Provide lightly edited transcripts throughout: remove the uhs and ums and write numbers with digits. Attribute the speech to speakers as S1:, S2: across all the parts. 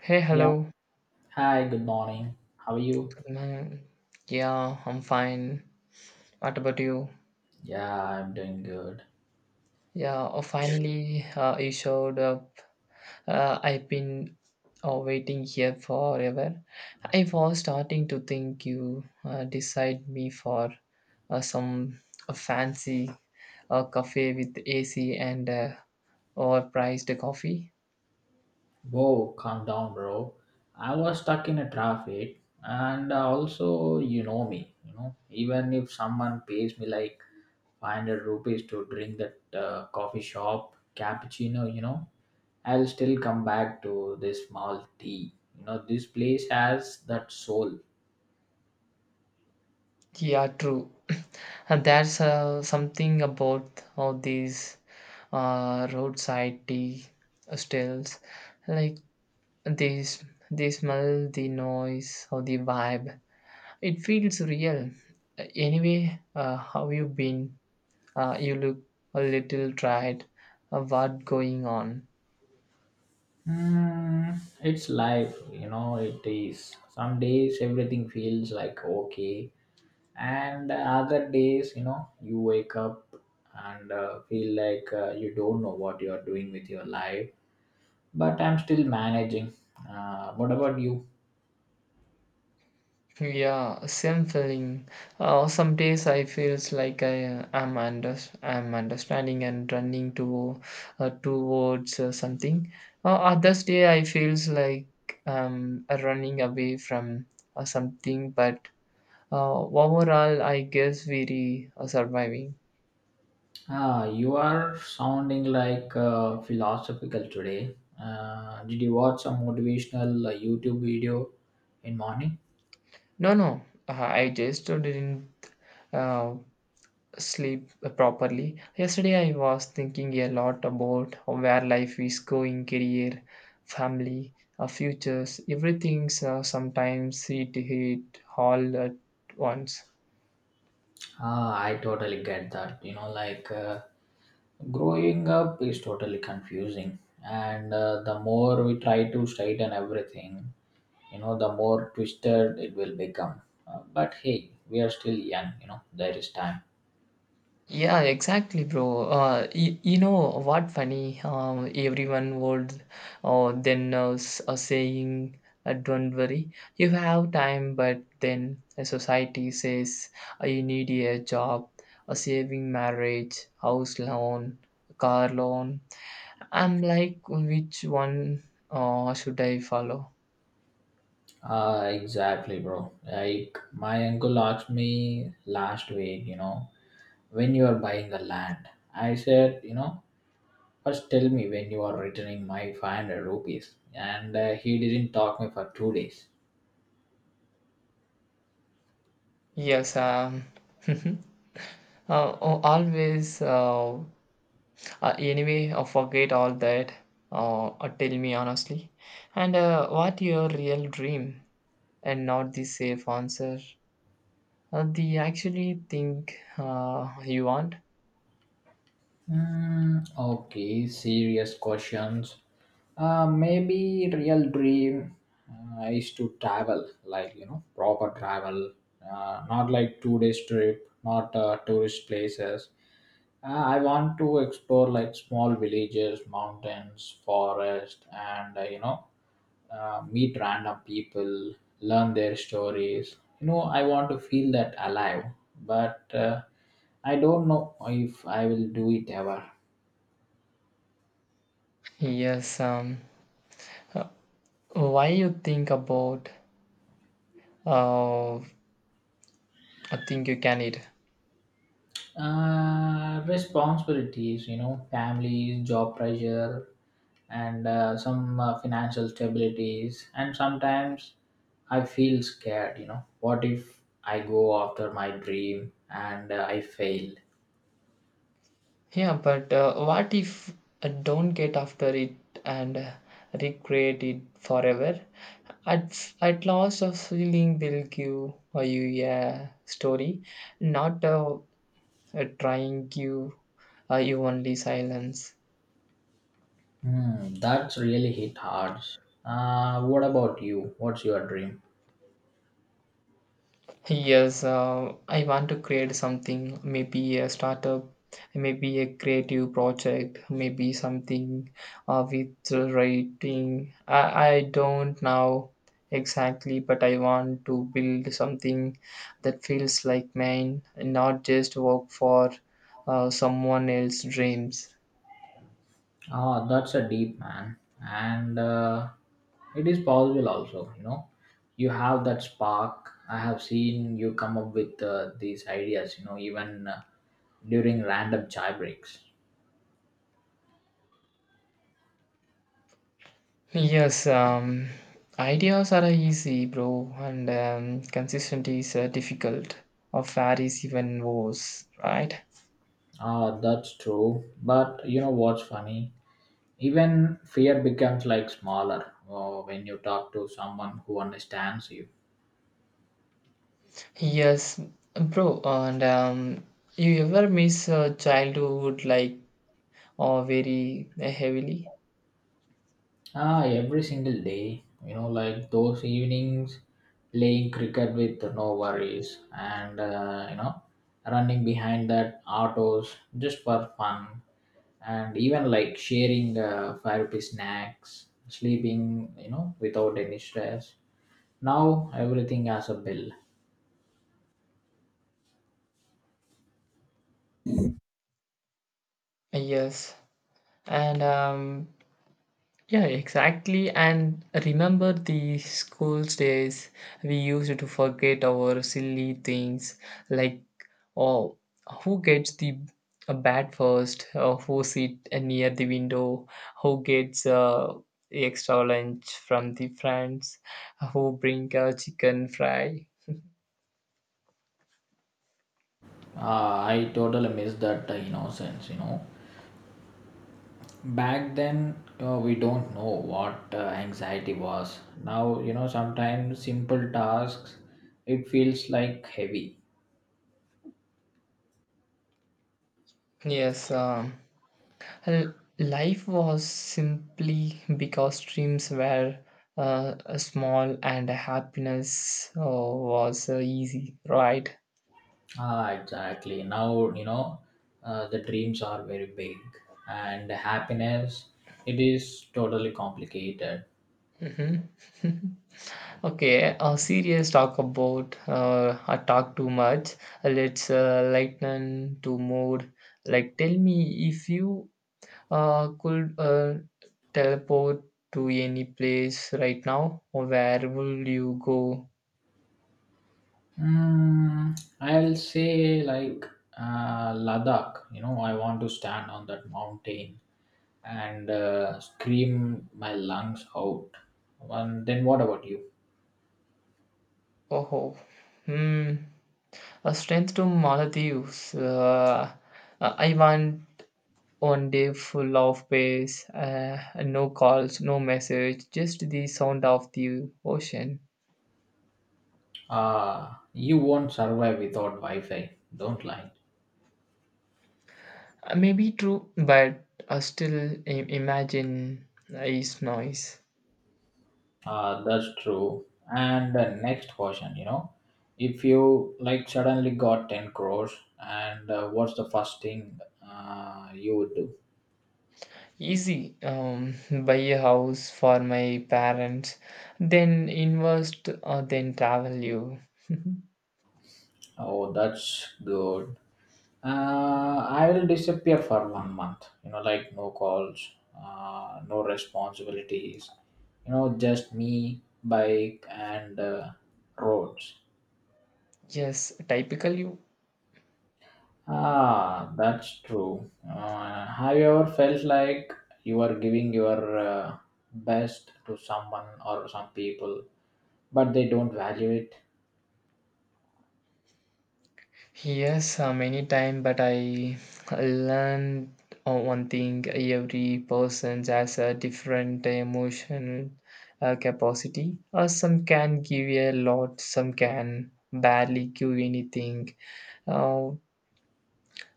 S1: Hey,
S2: Yeah.
S1: hello.
S2: Hi, good morning. How are you?
S1: Good morning. Yeah, I'm fine. What about you?
S2: Yeah, I'm doing good.
S1: Yeah, oh, finally, you showed up. I've been waiting here forever. I was starting to think you decide me for some a fancy cafe with AC and overpriced coffee.
S2: Whoa, calm down, bro. I was stuck in a traffic, and also, you know me, even if someone pays me like 500 rupees to drink that coffee shop cappuccino, I'll still come back to this small tea. You know, this place has that soul.
S1: Yeah, true. And there's something about all these roadside tea stalls, like this, they smell, the noise, or the vibe. It feels real. Anyway, how you been? You look a little tired. What going on?
S2: Hmm, it's life, you know, it is. Some days everything feels like okay, and other days, you know, you wake up and feel like you don't know what you are doing with your life, but I'm still managing. What about you?
S1: Yeah, same feeling. Some days I feels like I am under I'm understanding and running to towards something. Others day I feels like I'm running away from something. But overall, I guess we surviving.
S2: Ah, you are sounding like philosophical today. Did you watch some motivational YouTube video in morning?
S1: No, no, I just didn't uh, sleep properly. Yesterday, I was thinking a lot about where life is going career, family, futures, everything's sometimes it hit all at once.
S2: Ah, I totally get that, you know, like growing up is totally confusing, and the more we try to straighten everything, you know, the more twisted it will become. But hey, we are still young, you know, there is time.
S1: Yeah, exactly, bro. You know what funny? Everyone would saying, "Don't worry, you have time." But then a society says you need a job, a saving marriage, house loan, car loan. I'm like, which one should I follow?
S2: Exactly, bro. Like, my uncle asked me last week, you know, when you are buying the land, I said, you know, first tell me when you are returning my 500 rupees, and he didn't talk me for 2 days.
S1: Yes. uh, always. Anyway, forget all that. Tell me honestly. And what your real dream and not the safe answer? The actually think you want?
S2: Hmm. Okay, serious questions. Maybe real dream is to travel, like, you know, proper travel, not like 2 days trip, not tourist places. I want to explore like small villages, mountains, forest, and meet random people, learn their stories. You know, I want to feel that alive, but I don't know if I will do it ever.
S1: Yes. Why you think about I think you can it?
S2: Responsibilities, you know, families, job pressure, and some financial stabilities. And sometimes I feel scared, you know, what if I go after my dream and I fail?
S1: Yeah, but what if I don't get after it and recreate it forever? At last, a feeling will give you a story, not a trying you you only silence.
S2: Hmm, that's really hit hard. What about you? What's your dream?
S1: Yes, I want to create something, maybe a startup, maybe a creative project, maybe something with writing. I don't know exactly, but I want to build something that feels like mine, and not just work for someone else's dreams.
S2: Ah, that's a deep man, and it is possible also. You know, you have that spark. I have seen you come up with these ideas. You know, even during random chai breaks.
S1: Yes. Ideas are easy, bro, and consistency is difficult. Or fair is even worse, right?
S2: Ah, that's true. But you know what's funny? Even fear becomes like smaller when you talk to someone who understands you.
S1: Yes, bro. And you ever miss childhood like or very heavily?
S2: Ah, every single day, you know, like those evenings playing cricket with no worries and, running behind that autos just for fun, and even like sharing 5 rupee snacks, sleeping, you know, without any stress. Now everything has a bill.
S1: Yes, and Yeah, exactly. And remember the school days we used to forget our silly things like oh, who gets the a bat first, or who sit near the window, who gets extra lunch from the friends, who bring a chicken fry.
S2: I totally miss that innocence, you know. Back then, you know, we don't know what anxiety was. Now, you know, sometimes simple tasks, it feels like heavy.
S1: Yes. Well, life was simply because dreams were small and happiness was easy, right?
S2: Ah, exactly. Now, you know, the dreams are very big, and happiness, it is totally complicated.
S1: Hmm. Okay, a serious talk about I talk too much. Let's lighten to mood. Like, tell me if you could teleport to any place right now, where will you go?
S2: Hmm, I'll say like Ladakh. You know, I want to stand on that mountain and scream my lungs out. And then what about you?
S1: Oh, oh, hmm. A strength to Maldives. I want one day full of peace, no calls, no message, just the sound of the ocean.
S2: You won't survive without Wi-Fi. Don't lie.
S1: Maybe true, but I still imagine is noise.
S2: That's true. And the next question, you know, if you like suddenly got 10 crores, and what's the first thing you would do?
S1: Easy, buy a house for my parents, then invest, then travel you.
S2: Oh, that's good. I will disappear for one month, you know, like no calls, no responsibilities, you know, just me, bike, and roads.
S1: Yes, typically.
S2: Ah, that's true. Have you ever felt like you are giving your best to someone or some people, but they don't value it?
S1: Yes, many time, but I learned one thing: every person has a different emotional capacity. Some can give a lot, some can barely give anything. Uh,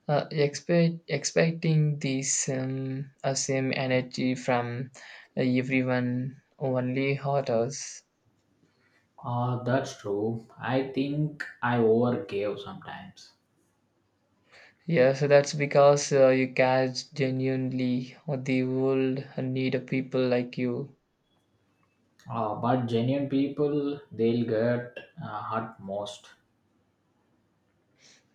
S1: expecting this same energy from everyone only hurt us.
S2: Ah, that's true. I think I overgave sometimes.
S1: Yeah, so that's because you catch genuinely what the world need of people like you.
S2: But genuine people, they'll get hurt most.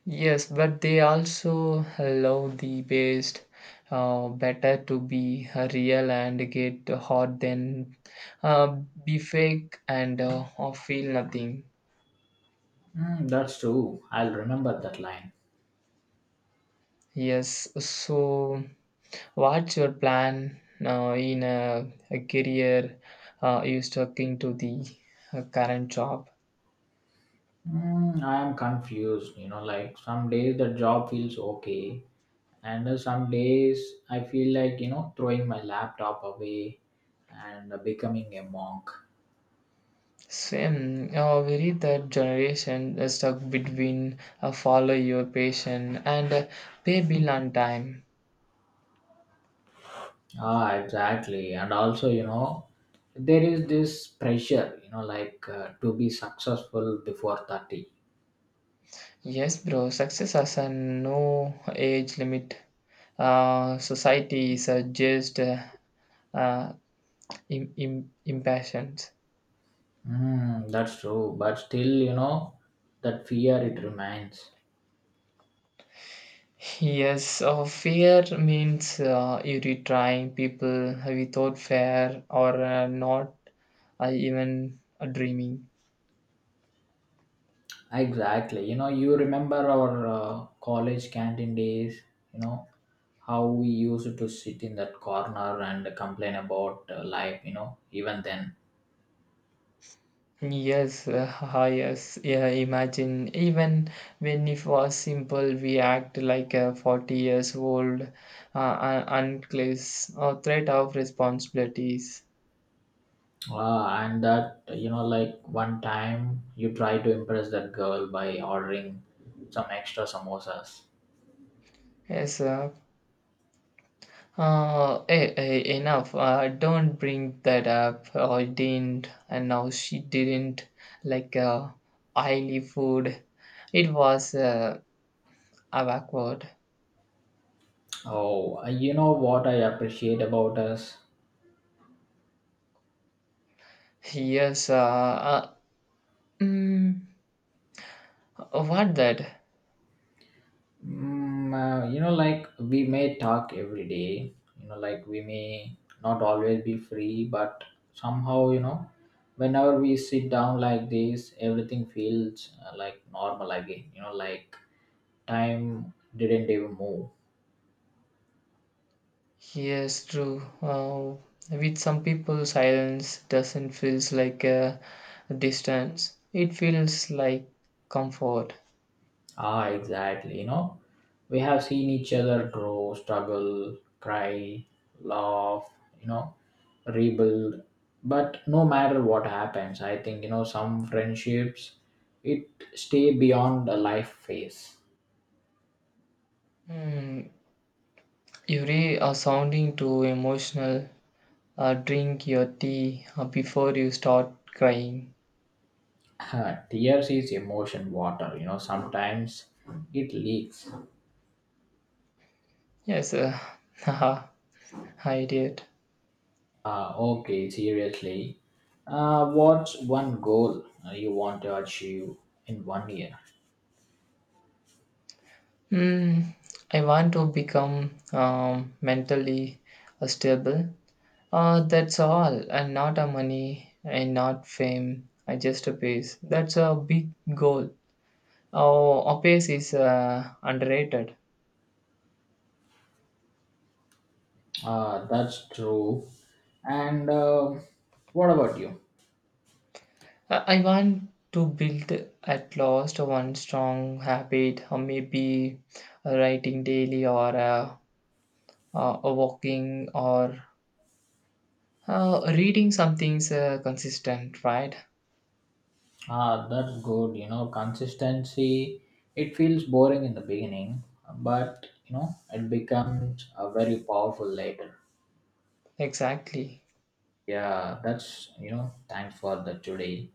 S1: Yes, but they also allow the best, better to be real and get hot than uh, be fake and or feel nothing.
S2: Mm, that's true. I'll remember that line.
S1: Yes, so what's your plan now in a career? You stuck into the current job?
S2: Mm, I am confused. You know, like some days the job feels okay, and some days I feel like, you know, throwing my laptop away and becoming a monk.
S1: Same, we read that generation is stuck between follow your passion and pay bill on time.
S2: Ah, exactly. And also, you know, there is this pressure, you know, like to be successful before 30.
S1: Yes, bro, success has a no age limit. Society is just uh, impatient.
S2: Mm, that's true, but still, you know, that fear, it remains.
S1: Yes, fair means you retrying people without fair or not even dreaming.
S2: Exactly, you know, you remember our college canteen days, you know, how we used to sit in that corner and complain about life, you know, even then.
S1: Yes, yes. Yeah, imagine even when it was simple, we act like a 40 years old, uncles, or threat of responsibilities.
S2: And that, you know, like one time you try to impress that girl by ordering some extra samosas.
S1: Yes, enough. Don't bring that up. Oh, I didn't, and now she didn't. Like, oily food. It was awkward.
S2: Oh, you know what I appreciate about us?
S1: Yes, mm, what that?
S2: Mm, you know, like we may talk every day. You know, like we may not always be free, but somehow, you know, whenever we sit down like this, everything feels like normal again. You know, like time didn't even move.
S1: Yes, true. With some people, silence doesn't feels like a distance. It feels like comfort.
S2: Ah, exactly. You know, we have seen each other grow, struggle, cry, laugh, you know, rebuild. But no matter what happens, I think, you know, some friendships, it stay beyond a life phase.
S1: Hmm. You really are sounding too emotional. Drink your tea before you start crying.
S2: Tears is emotion water, you know, sometimes it leaks.
S1: Yes, haha, I did.
S2: Okay, seriously. What's one goal you want to achieve in one year?
S1: Hmm. I want to become mentally stable. That's all, and not a money and not fame. I just a pace. That's a big goal. Oh, a pace is underrated.
S2: Ah, that's true. And what about you?
S1: I want to build at least one strong habit, or maybe writing daily, or walking, or reading something's consistent. Right?
S2: Ah, that's good. You know, consistency, it feels boring in the beginning, but, you know, it becomes a very powerful later.
S1: Exactly.
S2: Yeah, that's, you know, thanks for the today.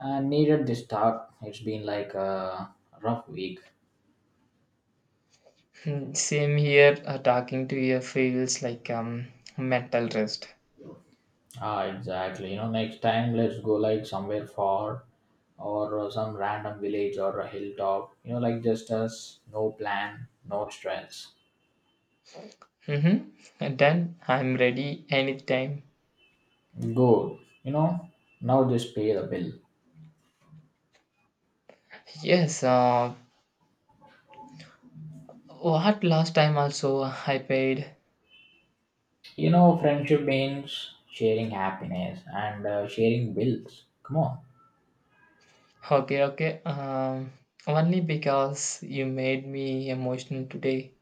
S2: I needed this talk. It's been like a rough week.
S1: Hmm, same here. Talking to you feels like mental rest.
S2: Ah, exactly. You know, next time let's go like somewhere far, or some random village or a hilltop. You know, like just us, no plan, no stress.
S1: Mm-hmm. And then I'm ready anytime.
S2: Good. You know, now just pay the bill.
S1: Yes. What last time also I paid?
S2: You know, friendship means sharing happiness and sharing bills. Come on.
S1: Okay, okay. Only because you made me emotional today.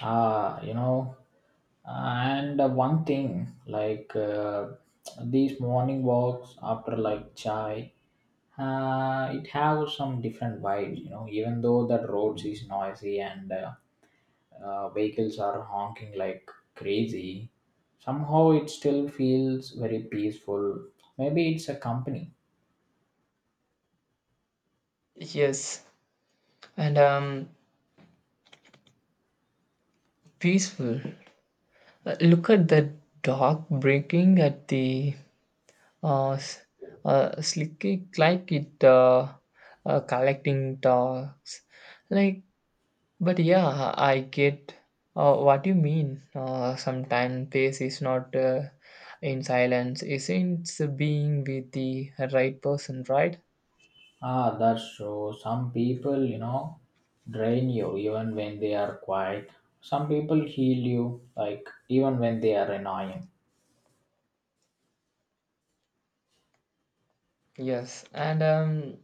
S2: Ah, you know, and one thing, like these morning walks after like chai, it have some different vibes. You know, even though the roads is noisy and vehicles are honking like crazy, somehow it still feels very peaceful. Maybe it's a company.
S1: Yes, and peaceful. Look at the dog breaking at the uh, s- slicky like it collecting dogs. Like but yeah, I get what you mean. Sometimes pace is not in silence, isn't being with the right person, right?
S2: Ah, that's true. Some people, you know, drain you even when they are quiet. Some people heal you, like, even when they are annoying.
S1: Yes, and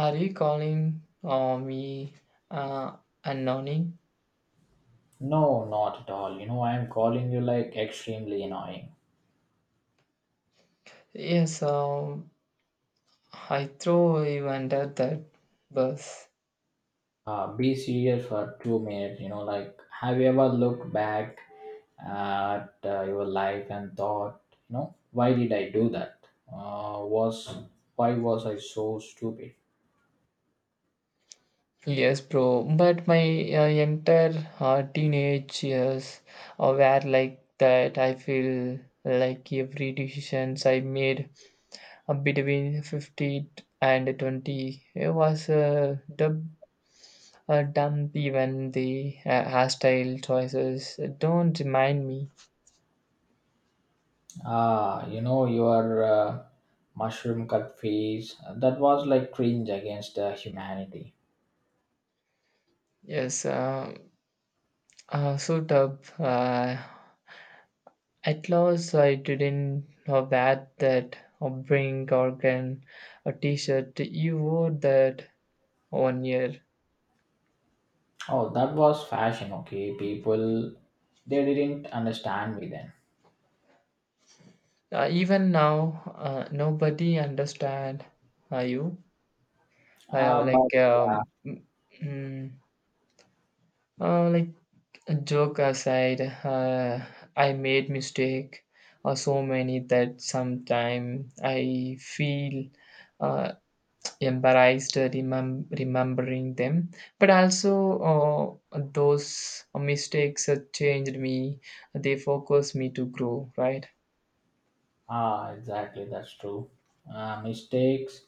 S1: are you calling me uh, anonym?
S2: No, not at all. You know, I am calling you like extremely annoying.
S1: Yes. I throw you under that bus.
S2: Be serious for 2 minutes, you know, like have you ever looked back at your life and thought, you know, why did I do that, was why was I so stupid?
S1: Yes, bro. But my entire teenage years were like that. I feel like every decisions I made between 15 and 20 it was a dump even the hostile choices don't remind me.
S2: Ah, you know your mushroom cut face, that was like cringe against humanity.
S1: Yes, so dub. At last, I didn't know that that a brink organ, a T-shirt you wore that one year.
S2: Oh, that was fashion, okay? People, they didn't understand me then.
S1: Even now, nobody understand you.
S2: Ah,
S1: Uh,
S2: but
S1: like
S2: yeah.
S1: um, mm, mm, like a joke aside, I made mistake or so many that sometime I feel uh, embarrassed remembering them, but also those mistakes changed me. They focused me to grow, right?
S2: Ah, exactly. That's true. Mistakes,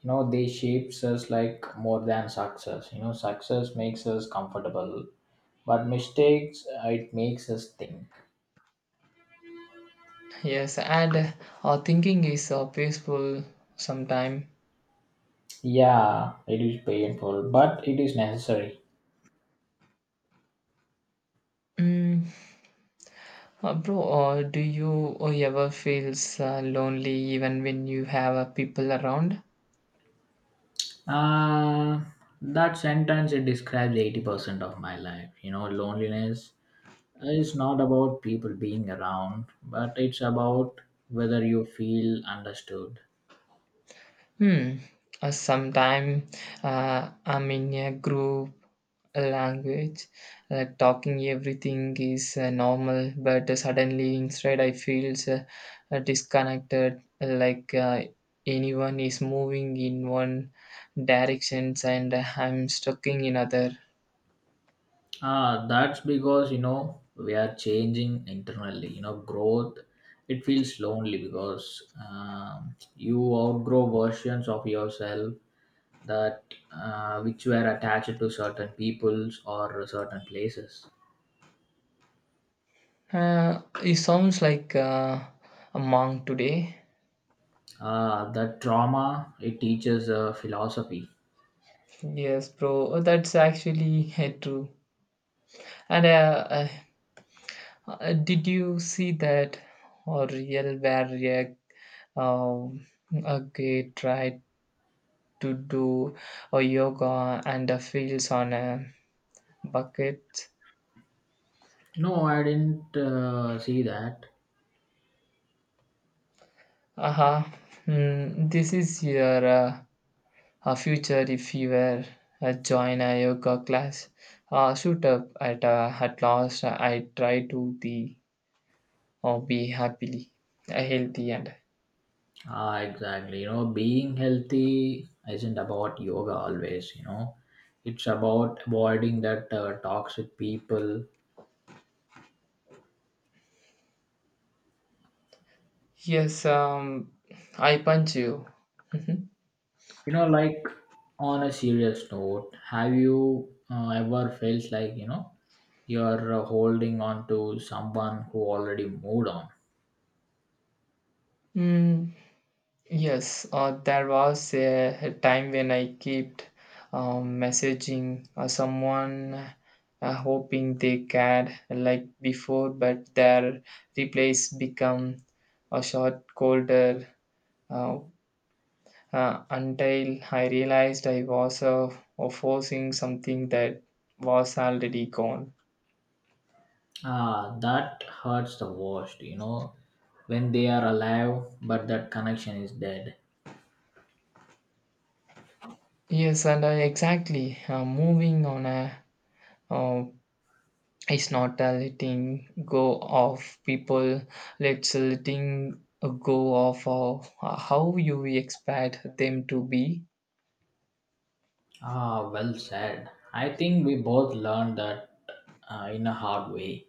S2: you know, they shapes us like more than success. You know, success makes us comfortable, but mistakes, it makes us think.
S1: Yes, and thinking is peaceful sometime.
S2: Yeah, it is painful, but it is necessary.
S1: mm, Bro, do you ever feel lonely even when you have people around?
S2: Uh, that sentence, it describes 80% of my life. You know, loneliness is not about people being around, but it's about whether you feel understood.
S1: Hmm. Sometime I'm in a group language, like talking everything is normal, but suddenly inside I feel disconnected, like anyone is moving in one directions and I'm stuck in other.
S2: Ah, that's because, you know, we are changing internally. You know, growth, it feels lonely because you outgrow versions of yourself that which were attached to certain peoples or certain places.
S1: It sounds like a monk today.
S2: That trauma, it teaches philosophy.
S1: Yes, bro, that's actually true. And did you see that or real where um, a gay tried to do a yoga and a feels on a bucket?
S2: No, I didn't see that.
S1: Aha, hmm, this is your future if you were join a yoga class. Shoot up at last. I try to be or be happily healthy and
S2: Ah, exactly. You know, being healthy isn't about yoga always, you know. It's about avoiding that toxic people.
S1: yes. I punch you. Mhm.
S2: You know, like on a serious note, have you ever felt like, you know, you're holding on to someone who already moved on?
S1: Mm, yes, there was a time when I kept messaging someone hoping they cared like before, but their replies become a short, colder uh, until I realized I was forcing something that was already gone.
S2: Ah, that hurts the worst, you know, when they are alive, but that connection is dead.
S1: Yes, and I exactly moving on a uh, it's not a letting go of people, let's letting go of how you expect them to be.
S2: Ah, well said. I think we both learned that in a hard way.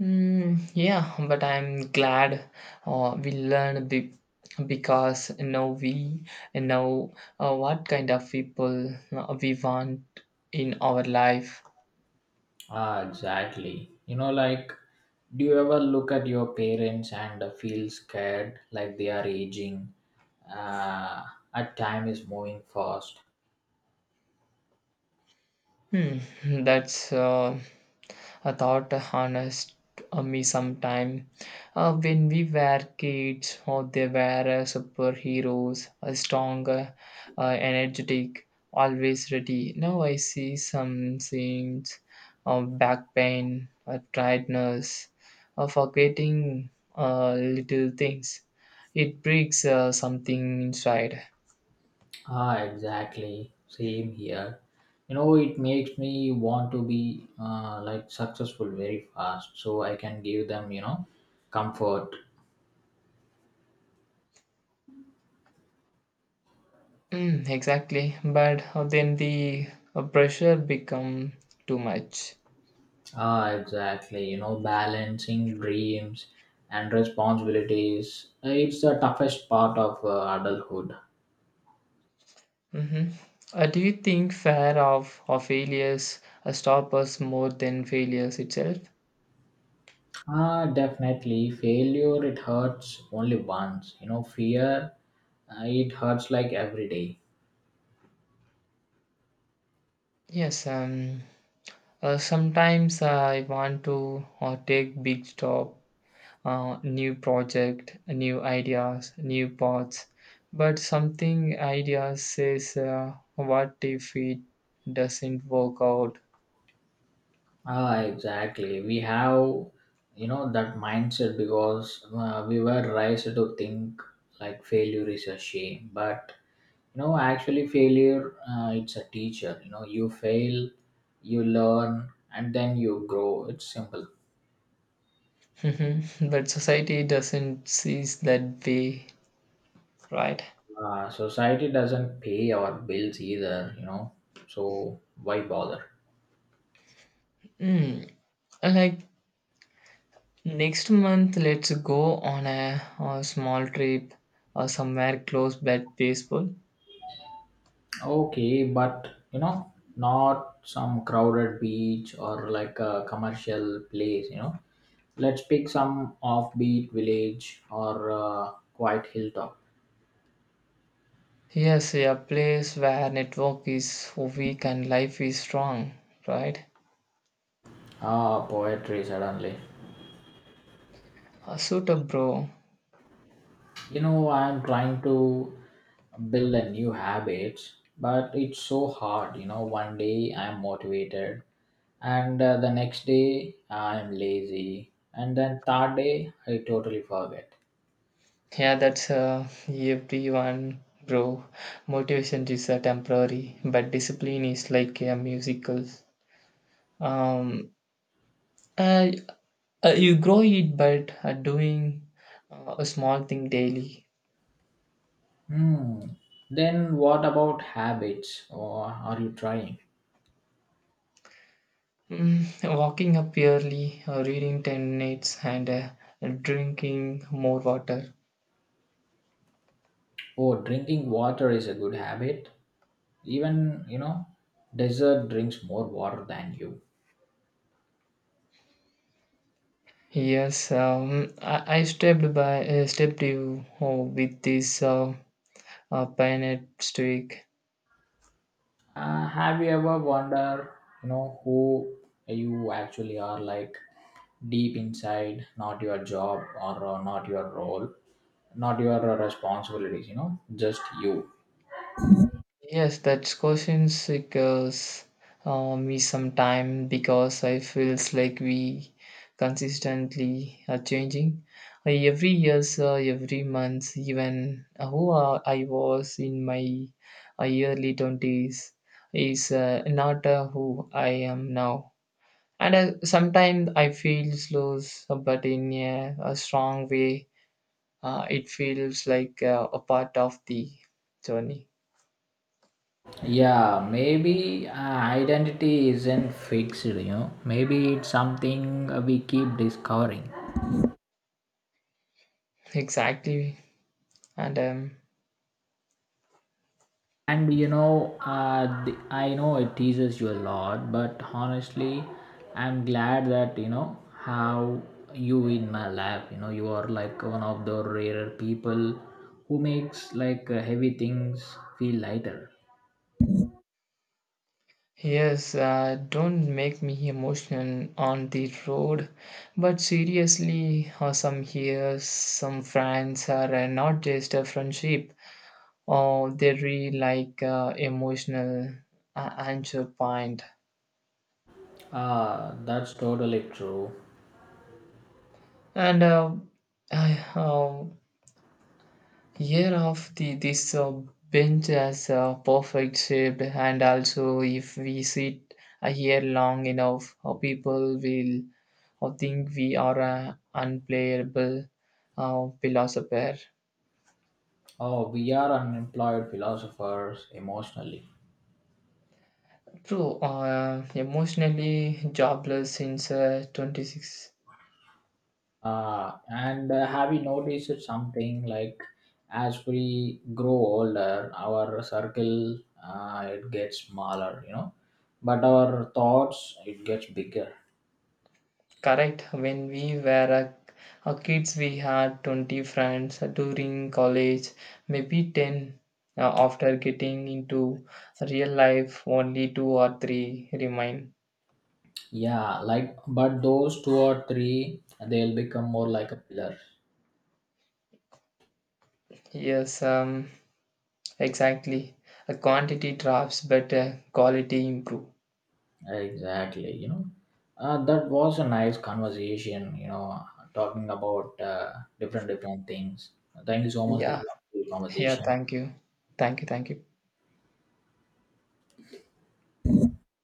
S1: Mm, yeah, but I'm glad we learned because now we know what kind of people we want in our life.
S2: Ah, exactly. You know, like, do you ever look at your parents and feel scared, like they are aging? Uh, at time is moving fast.
S1: Hmm, that's a thought harnessed me sometime when we were kids or they were superheroes strong uh, energetic always ready. Now I see some scenes of back pain, tiredness, forgetting little things. It breaks something inside.
S2: Ah, exactly. Same here. You know, it makes me want to be like successful very fast, so I can give them, you know, comfort.
S1: Mm, exactly, but then the pressure become too much.
S2: Ah, exactly. You know, balancing dreams and responsibilities. It's the toughest part of adulthood.
S1: Hmm. Do you think fear of failures stop us more than failures itself?
S2: Ah, definitely. Failure, it hurts only once. You know, fear, it hurts like every day.
S1: Yes, sometimes I want to take big stop, new project, new ideas, new paths, but something idea says, what if it doesn't work out?
S2: Ah, exactly. We have, you know, that mindset, because we were raised to think like failure is a shame. But, you know, actually, failure, it's a teacher. You know, you fail, you learn, and then you grow. It's simple.
S1: Mhm. But society doesn't sees that way, right?
S2: Society doesn't pay our bills either, you know, so why bother?
S1: Mm. Like next month, let's go on a small trip or somewhere close but peaceful.
S2: Okay, but, you know, not some crowded beach or like a commercial place, you know. Let's pick some offbeat village or quiet hilltop.
S1: Yes, a place where network is weak and life is strong, right?
S2: Ah, poetry suddenly.
S1: Suit up, bro.
S2: You know, I'm trying to build a new habit, but it's so hard. You know, one day I'm motivated, and the next day I'm lazy, and then third day I totally forget.
S1: Yeah, that's everyone, bro. Motivation is temporary, but discipline is like a musical. Um, uh, you grow it, but doing a small thing daily.
S2: Hmm. Then what about habits? Or are you trying?
S1: Mm, walking up early, reading 10 minutes, and drinking more water.
S2: Oh, drinking water is a good habit. Even, you know, desert drinks more water than you.
S1: Yes, I stepped by stepped you with this pineapple stick.
S2: Have you ever wonder, you know, who you actually are, like deep inside, not your job, or not your role, not your responsibilities, you know, just you.
S1: Yes, that question sickles me sometime because I feels like we consistently are changing. Every years, every month, even who I was in my early twenties is not who I am now. And sometimes I feel slow, but in a strong way, it feels like a part of the journey.
S2: Yeah, maybe identity isn't fixed, you know, maybe it's something we keep discovering.
S1: Exactly. And
S2: And you know, I know it teases you a lot, but honestly, I'm glad that, you know, how you in my life, you know, you are like one of the rarer people who makes like heavy things feel lighter.
S1: Yes, don't make me emotional on the road. But seriously, some here, some friends are not just a friendship, or they're really like emotional anchor point.
S2: Ah, that's totally true.
S1: And uh, I, uh, Year of the this bench has a perfect shape, and also if we sit here long enough, people will think we are an unplayable philosopher.
S2: Oh, we are unemployed philosophers emotionally.
S1: True, emotionally jobless since 26.
S2: And have you noticed something, like as we grow older, our circle, it gets smaller, you know, but our thoughts, it gets bigger.
S1: Correct. When we were a kids, we had 20 friends during college, maybe 10 after getting into real life, only two or three remain.
S2: Yeah, like, but those two or three, they'll become more like a pillar.
S1: Yes, um, exactly. A quantity drops, but quality improve.
S2: Exactly, you know. That was a nice conversation, you know, talking about different different things. Thank you so much. This
S1: Yeah,
S2: was a good
S1: yeah,
S2: conversation.
S1: thank you. Thank you, thank you.